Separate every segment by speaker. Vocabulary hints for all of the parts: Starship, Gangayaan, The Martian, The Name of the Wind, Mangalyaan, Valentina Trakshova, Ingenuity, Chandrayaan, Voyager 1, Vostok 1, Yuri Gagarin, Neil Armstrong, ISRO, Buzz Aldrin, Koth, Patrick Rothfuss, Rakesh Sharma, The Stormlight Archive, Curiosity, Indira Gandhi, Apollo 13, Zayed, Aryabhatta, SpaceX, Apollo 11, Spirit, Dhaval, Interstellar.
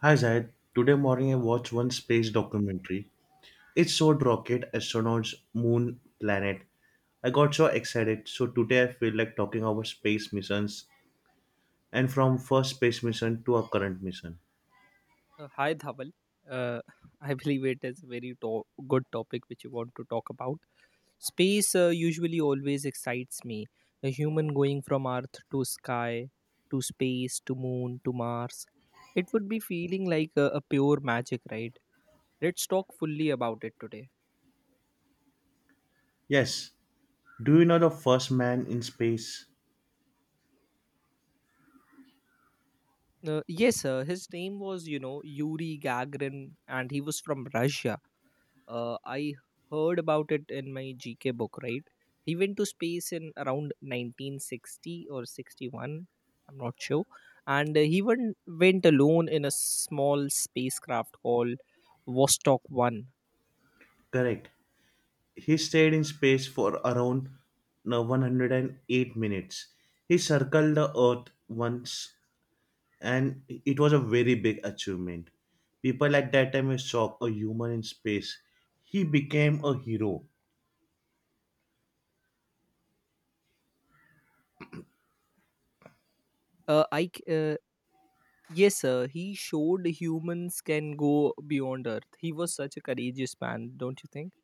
Speaker 1: Hi Zayed. Today morning I watched one space documentary. It showed rocket, astronauts, moon, planet. I got so excited. So today I feel like talking about space missions and from first space mission to our current mission.
Speaker 2: Hi, Dhaval. Uh, I believe it is a very good topic which you want to talk about. Space usually always excites me. A human going from Earth to sky, to space, to moon, to Mars. It would be feeling like a pure magic, right? Let's talk fully about it today.
Speaker 1: Yes. Do you know the first man in space?
Speaker 2: Yes, sir. His name was, Yuri Gagarin, and he was from Russia. I heard about it in my GK book, right? He went to space in around 1960 or 61, I'm not sure. And he went alone in a small spacecraft called Vostok 1.
Speaker 1: Correct. He stayed in space for around no, 108 minutes. He circled the Earth once, and it was a very big achievement. People at that time were shocked. A human in space, he became a hero.
Speaker 2: Uh, I, c- uh, yes, sir, he showed humans can go beyond Earth. He was such a courageous man, don't you think?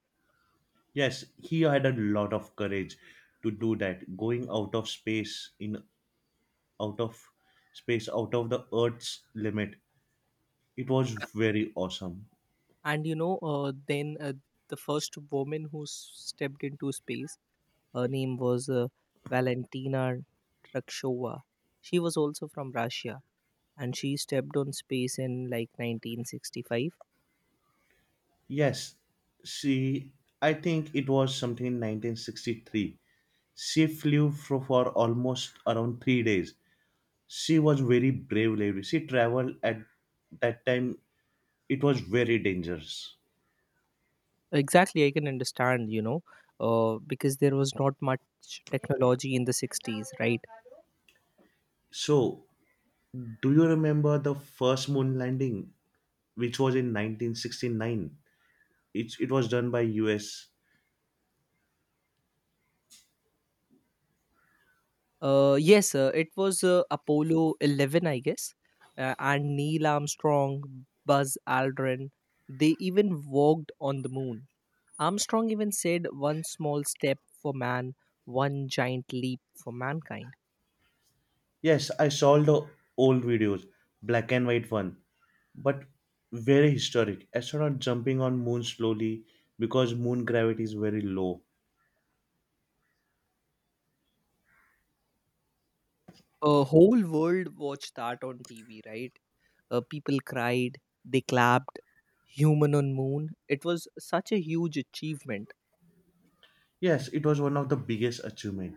Speaker 1: Yes, he had a lot of courage to do that. Going out of space, in out of space, out of the Earth's limit, it was very awesome.
Speaker 2: And then the first woman who stepped into space. Her name was Valentina Trakshova. She was also from Russia, and she stepped on space in like 1965.
Speaker 1: Yes, she. I think it was something in 1963. She flew for almost around 3 days. She was very brave lady. She traveled at that time. It was very dangerous.
Speaker 2: Exactly, I can understand, because there was not much technology in the 60s, right?
Speaker 1: So, do you remember the first moon landing, which was in 1969? It was done by US.
Speaker 2: Yes, it was Apollo 11, I guess, and Neil Armstrong, Buzz Aldrin, they even walked on the moon. Armstrong even said, "One small step for man, one giant leap for mankind."
Speaker 1: Yes, I saw the old videos, black and white one, but very historic. Astronaut jumping on moon slowly because moon gravity is very low.
Speaker 2: A whole world watched that on TV, right? People cried, they clapped, human on moon. It was such a huge achievement.
Speaker 1: Yes, it was one of the biggest achievement.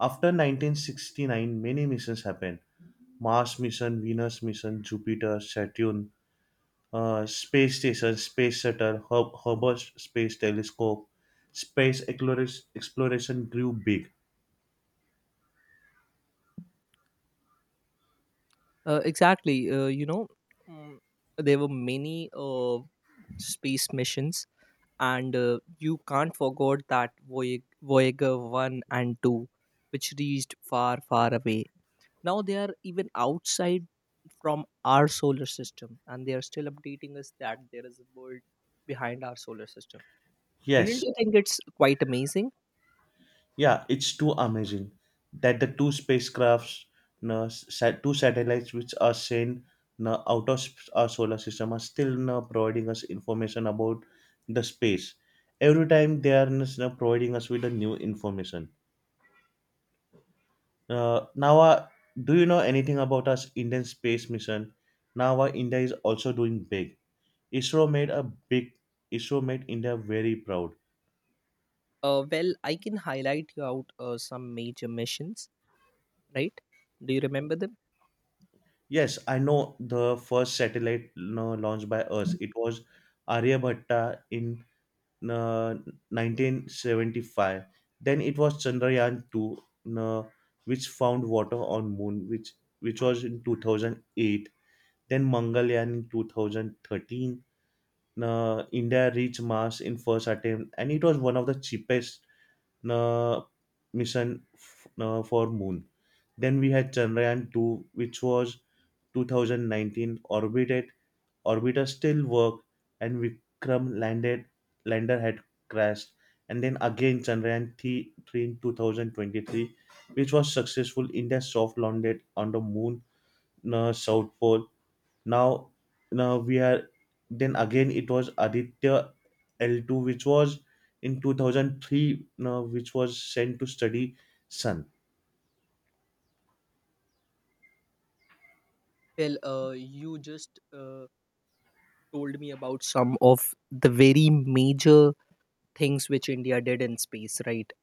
Speaker 1: After 1969, many missions happened. Mars mission, Venus mission, Jupiter, Saturn, space station, space shuttle, Hubble Space Telescope, space exploration grew big.
Speaker 2: Exactly. Mm, there were many space missions, and you can't forget that Voyager 1 and 2, which reached far, far away. Now they are even outside from our solar system, and they are still updating us that there is a world behind our solar system. Didn't
Speaker 1: Yes,
Speaker 2: you think it's quite amazing?
Speaker 1: yeah, it's too amazing that the two spacecrafts, no, two satellites which are sent no, out of our solar system, are still no, providing us information about the space. Every time they are no, providing us with a new information. Nawa, do you know anything about us Indian space mission? Nawa, India is also doing big. ISRO made a big. ISRO made India very proud.
Speaker 2: Well, I can highlight you out some major missions, right? Do you remember them?
Speaker 1: Yes, I know the first satellite, launched by us. It was Aryabhatta in uh, 1975. Then it was Chandrayaan 2, uh, which found water on moon, which was in 2008. Then Mangalyaan in 2013. India reached Mars in first attempt, and it was one of the cheapest uh, mission for Moon. Then we had Chandrayaan 2, which was 2019 orbited. Orbiter still worked, and Vikram landed. Lander had crashed, and then again Chandrayaan 3 in 2023, which was successful. India soft landed on the Moon, South Pole. Now, now we are then again it was Aditya L2, which was in 2003, now which was sent to study Sun.
Speaker 2: Well, you just told me about some of the very major things which India did in space, right?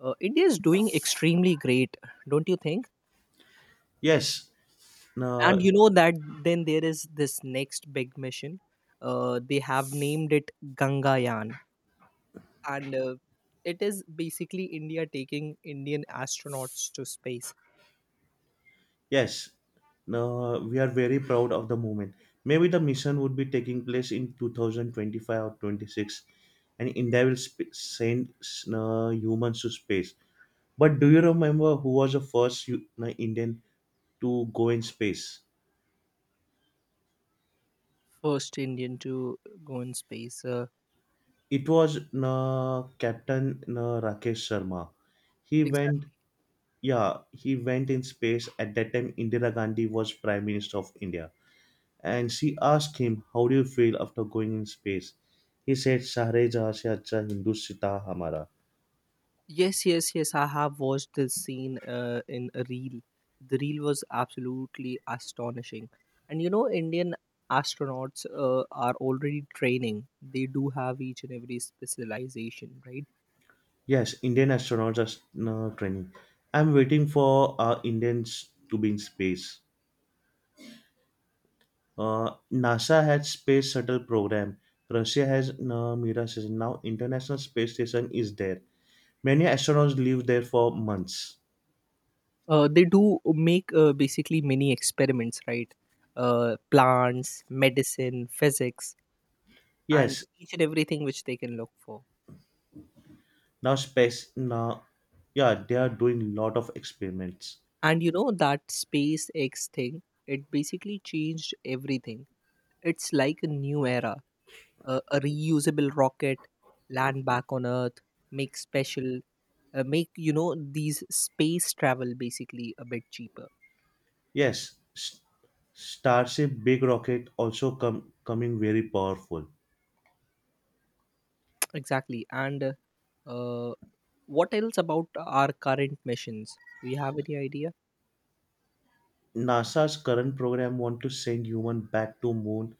Speaker 2: India is doing extremely great, don't you think?
Speaker 1: Yes,
Speaker 2: And
Speaker 1: now,
Speaker 2: you know that then there is this next big mission. They have named it Gangayaan, and it is basically India taking Indian astronauts to space.
Speaker 1: yes, now we are very proud of the moment. Maybe the mission would be taking place in 2025 or 26, and India will send humans to space. But do you remember who was the first Indian to go in space?
Speaker 2: First Indian to go in space,
Speaker 1: It was Captain Rakesh Sharma. He went,
Speaker 2: exactly.
Speaker 1: yeah, he went in space. At that time, Indira Gandhi was Prime Minister of India. And she asked him, "How do you feel after going in space?" He said, "Sahre jahan se acha Hindustita hamara."
Speaker 2: Yes, yes, yes, I have watched this scene in a reel. The reel was absolutely astonishing. And you know Indian astronauts are already training. They do have each and every specialization, right?
Speaker 1: Yes, Indian astronauts are training. I'm waiting for Indians to be in space. NASA had space shuttle program. Russia has Mira station. Now International Space Station is there. Many astronauts live there for months.
Speaker 2: They do make basically many experiments, right? Plants, medicine, physics, and
Speaker 1: Yes,
Speaker 2: each and everything which they can look for.
Speaker 1: now space now yeah, they are doing lot of experiments.
Speaker 2: And you know that SpaceX thing, it basically changed everything. It's like a new era. A reusable rocket land back on Earth, make special, make these space travel basically a bit cheaper.
Speaker 1: Yes, Starship big rocket also come coming very powerful.
Speaker 2: Exactly. And uh, what else about our current missions? Do you have any idea?
Speaker 1: NASA's current program want to send human back to moon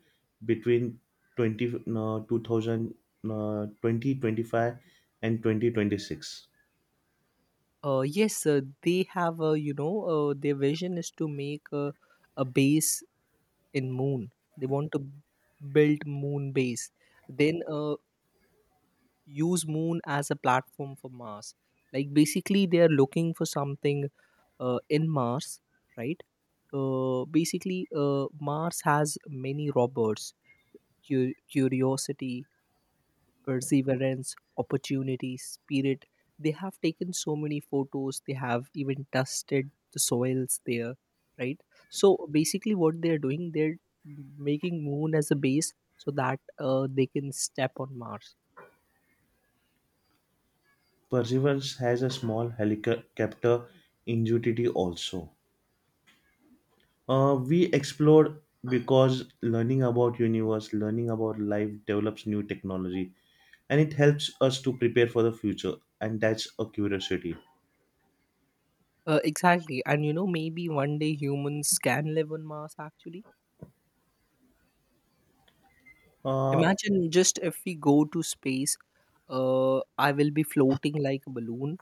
Speaker 1: between 20 uh, 2000 uh, 2025 and 2026.
Speaker 2: Yes, they have, their vision is to make a base in moon. They want to build moon base, then use moon as a platform for Mars. Like, basically, they are looking for something in Mars, right? Basically, Mars has many robbers. Curiosity, perseverance, opportunity, spirit. They have taken so many photos, they have even dusted the soils there, right? So basically, what they're doing, they're making moon as a base so that they can step on Mars.
Speaker 1: Perseverance has a small helicopter ingenuity also. We explored because learning about universe, learning about life develops new technology, and it helps us to prepare for the future, and that's a curiosity.
Speaker 2: Exactly. And you know, maybe one day humans can live on Mars actually.
Speaker 1: Uh,
Speaker 2: Imagine just if we go to space, I will be floating like a balloon.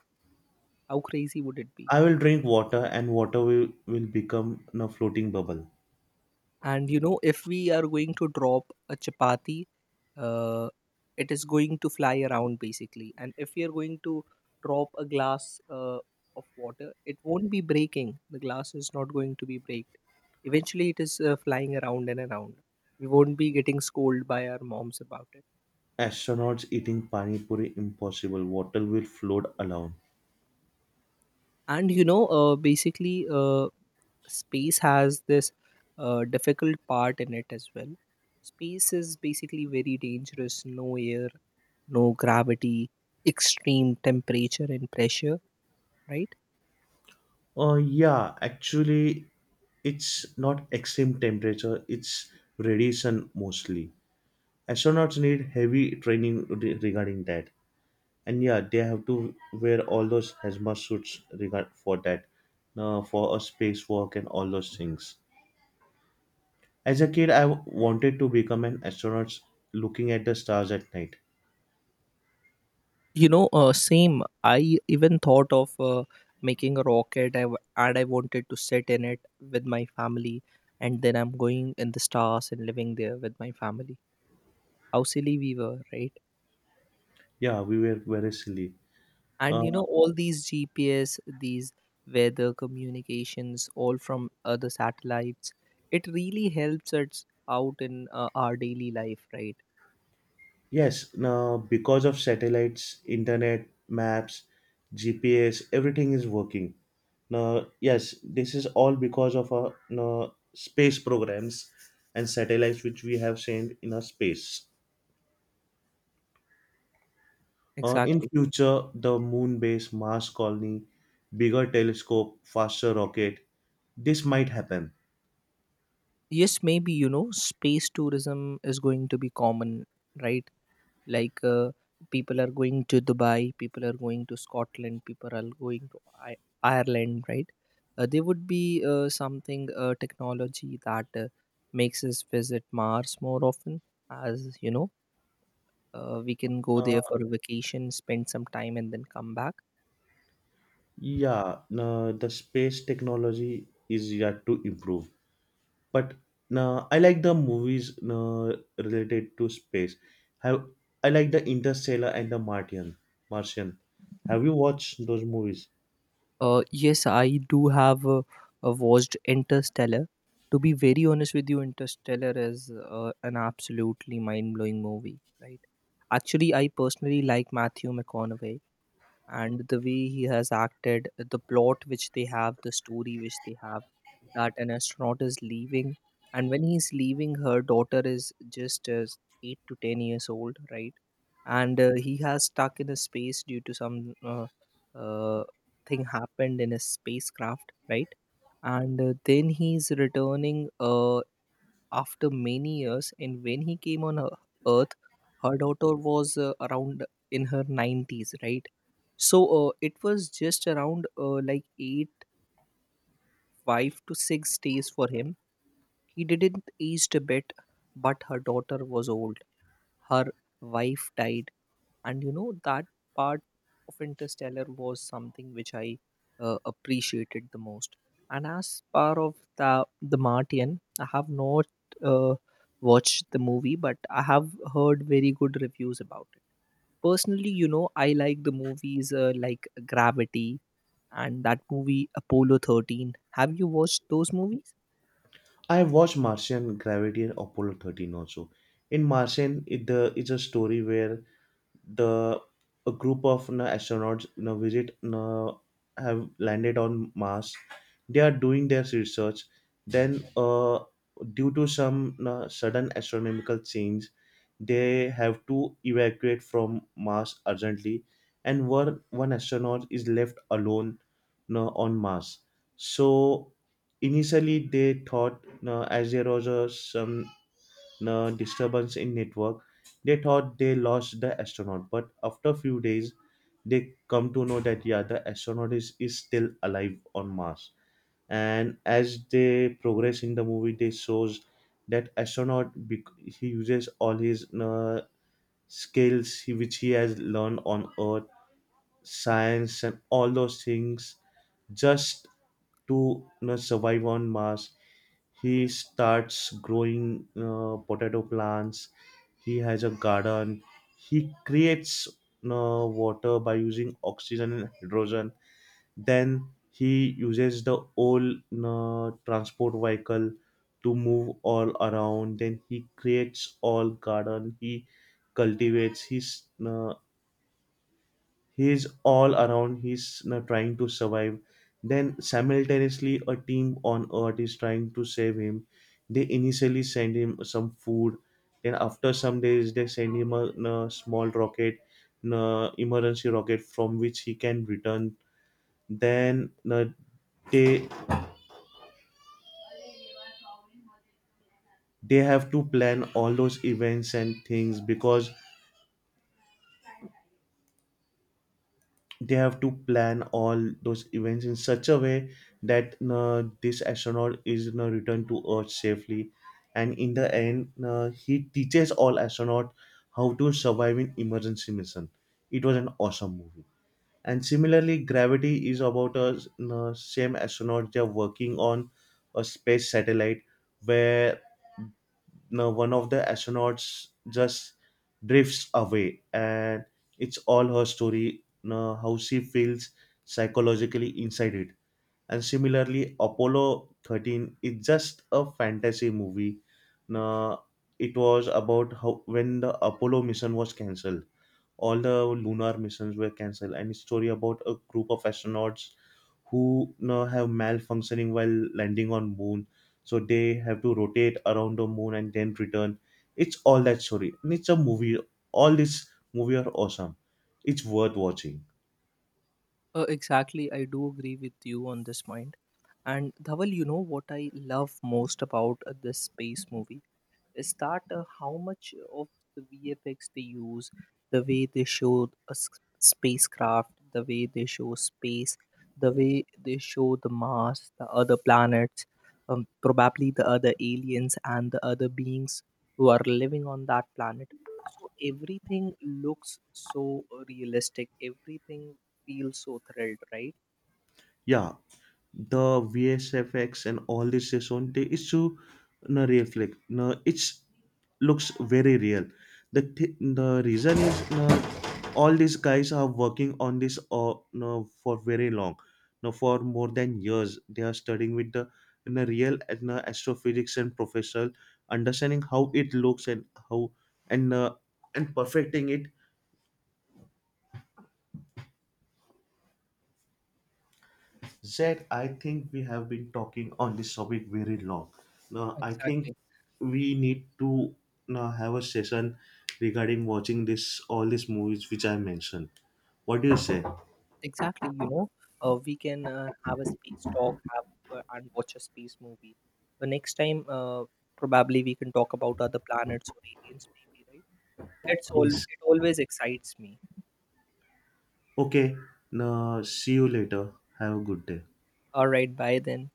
Speaker 2: How crazy would it be?
Speaker 1: I will drink water, and water will become a floating bubble.
Speaker 2: And you know, if we are going to drop a chapati, uh, it is going to fly around basically. And if we are going to drop a glass of water, it won't be breaking. The glass is not going to be breaked. Eventually, it is flying around and around. We won't be getting scolded by our moms about it.
Speaker 1: Astronauts eating pani puri impossible. Water will float alone.
Speaker 2: And you know, basically, space has this difficult part in it as well. Space is basically very dangerous. No air, no gravity, extreme temperature and pressure, right?
Speaker 1: Yeah, actually, it's not extreme temperature, it's radiation mostly. Astronauts need heavy training regarding that. And yeah, they have to wear all those hazmat suits regard for that, for a space walk and all those things. As a kid, I wanted to become an astronaut, looking at the stars at night.
Speaker 2: You know, same. I even thought of making a rocket, and I wanted to sit in it with my family, and then I'm going in the stars and living there with my family. How silly we were, right?
Speaker 1: Yeah, we were very silly.
Speaker 2: And
Speaker 1: uh,
Speaker 2: you know, all these GPS, these weather communications, all from other satellites, it really helps us out in our daily life, right?
Speaker 1: yes now because of satellites, internet, maps, GPS, everything is working now. Yes, this is all because of our now, space programs and satellites which we have sent in our space. In
Speaker 2: Exactly.
Speaker 1: future, the moon base, Mars colony, bigger telescope, faster rocket, this might happen.
Speaker 2: Yes, maybe you know space tourism is going to be common, right? Like, people are going to Dubai, people are going to Scotland, people are going to Ireland, right? There would be something technology that makes us visit Mars more often. As you know, we can go there
Speaker 1: Uh,
Speaker 2: for a vacation, spend some time, and then come back.
Speaker 1: yeah, no, the space technology is yet to improve. But no, I like the movies no, related to space. Have I like the Interstellar and the Martian. Martian. Have you watched those movies?
Speaker 2: Yes, I do have watched Interstellar. To be very honest with you, Interstellar is an absolutely mind blowing movie, right? Actually, I personally like Matthew McConaughey, and the way he has acted, the plot which they have, the story which they have, that an astronaut is leaving. And when he's leaving, her daughter is just 8 to 10 years old, right? And he has stuck in a space due to some uh, thing happened in his spacecraft, right? And then he's returning after many years, and when he came on earth, her daughter was around in her 90s, right. So it was just around like 8 5 to 6 days for him. He didn't aged a bit, but her daughter was old, her wife died. And you know that part of Interstellar was something which I appreciated the most. And as part of the Martian, I have not uh, watched the movie, but I have heard very good reviews about it. Personally, you know, I like the movies like Gravity, and that movie Apollo 13. Have you watched those movies?
Speaker 1: I watched Martian, Gravity, and Apollo 13 also. In Martian, it's a story where the a group of astronauts visit have landed on Mars. They are doing their research. Then, due to some sudden astronomical change, they have to evacuate from Mars urgently, and one astronaut is left alone, on Mars. So, initially, they thought as there was some disturbance in network, they thought they lost the astronaut. But after few days, they come to know that yeah, the astronaut is still alive on Mars. And as they progress in the movie, they shows that astronaut, he uses all his skills which he has learned on Earth, science, and all those things, just to survive on Mars. He starts growing potato plants. He has a garden. He creates, water by using oxygen and hydrogen. Then he uses the old you transport vehicle to move all around. Then he creates all garden. He cultivates. Uh, he is all around. He's, trying to survive. Then simultaneously, a team on earth is trying to save him. They initially send him some food. Then after some days, they send him a small rocket, emergency rocket from which he can return. Then, they they have to plan all those events and things, because they have to plan all those events in such a way that, this astronaut is returned to earth safely. And in the end, he teaches all astronauts how to survive in emergency mission. It was an awesome movie. And similarly, gravity is about a same astronaut they're working on a space satellite where now one of the astronauts just drifts away, and it's all her story now, how she feels psychologically inside it. And similarly, Apollo 13 is just a fantasy movie. Now, it was about how when the Apollo mission was cancelled, all the lunar missions were cancelled, and it's story about a group of astronauts who, have malfunctioning while landing on moon, so they have to rotate around the moon and then return. It's all that story, and it's a movie. All these movies are awesome. It's worth watching.
Speaker 2: Exactly, I do agree with you on this point. And Dhaval, you know what I love most about this space movie? Is that how much of the VFX they use, the way they show a spacecraft, the way they show space, the way they show the Mars, the other planets, probably the other aliens and the other beings who are living on that planet. So everything looks so realistic. Everything feels so thrilled, right?
Speaker 1: Yeah, the vsfx and all this is on the issue, no reflect, no it's looks very real. The the reason is no, all these guys are working on this, no, for very long. No, for more than years they are studying with the in the real, and astrophysics and professional understanding how it looks, and how, and uh, and perfecting it. Zed, I think we have been talking on this topic very long. Now, I think
Speaker 2: Exactly.
Speaker 1: we need to now have a session regarding watching this all these movies which I mentioned. What do you say?
Speaker 2: Exactly, you know, we can have a space talk, have and watch a space movie. The next time, probably we can talk about other planets or aliens, maybe, right?
Speaker 1: Yes.
Speaker 2: It always excites me.
Speaker 1: Okay. Now, see you later. Have a good day.
Speaker 2: All right, bye then.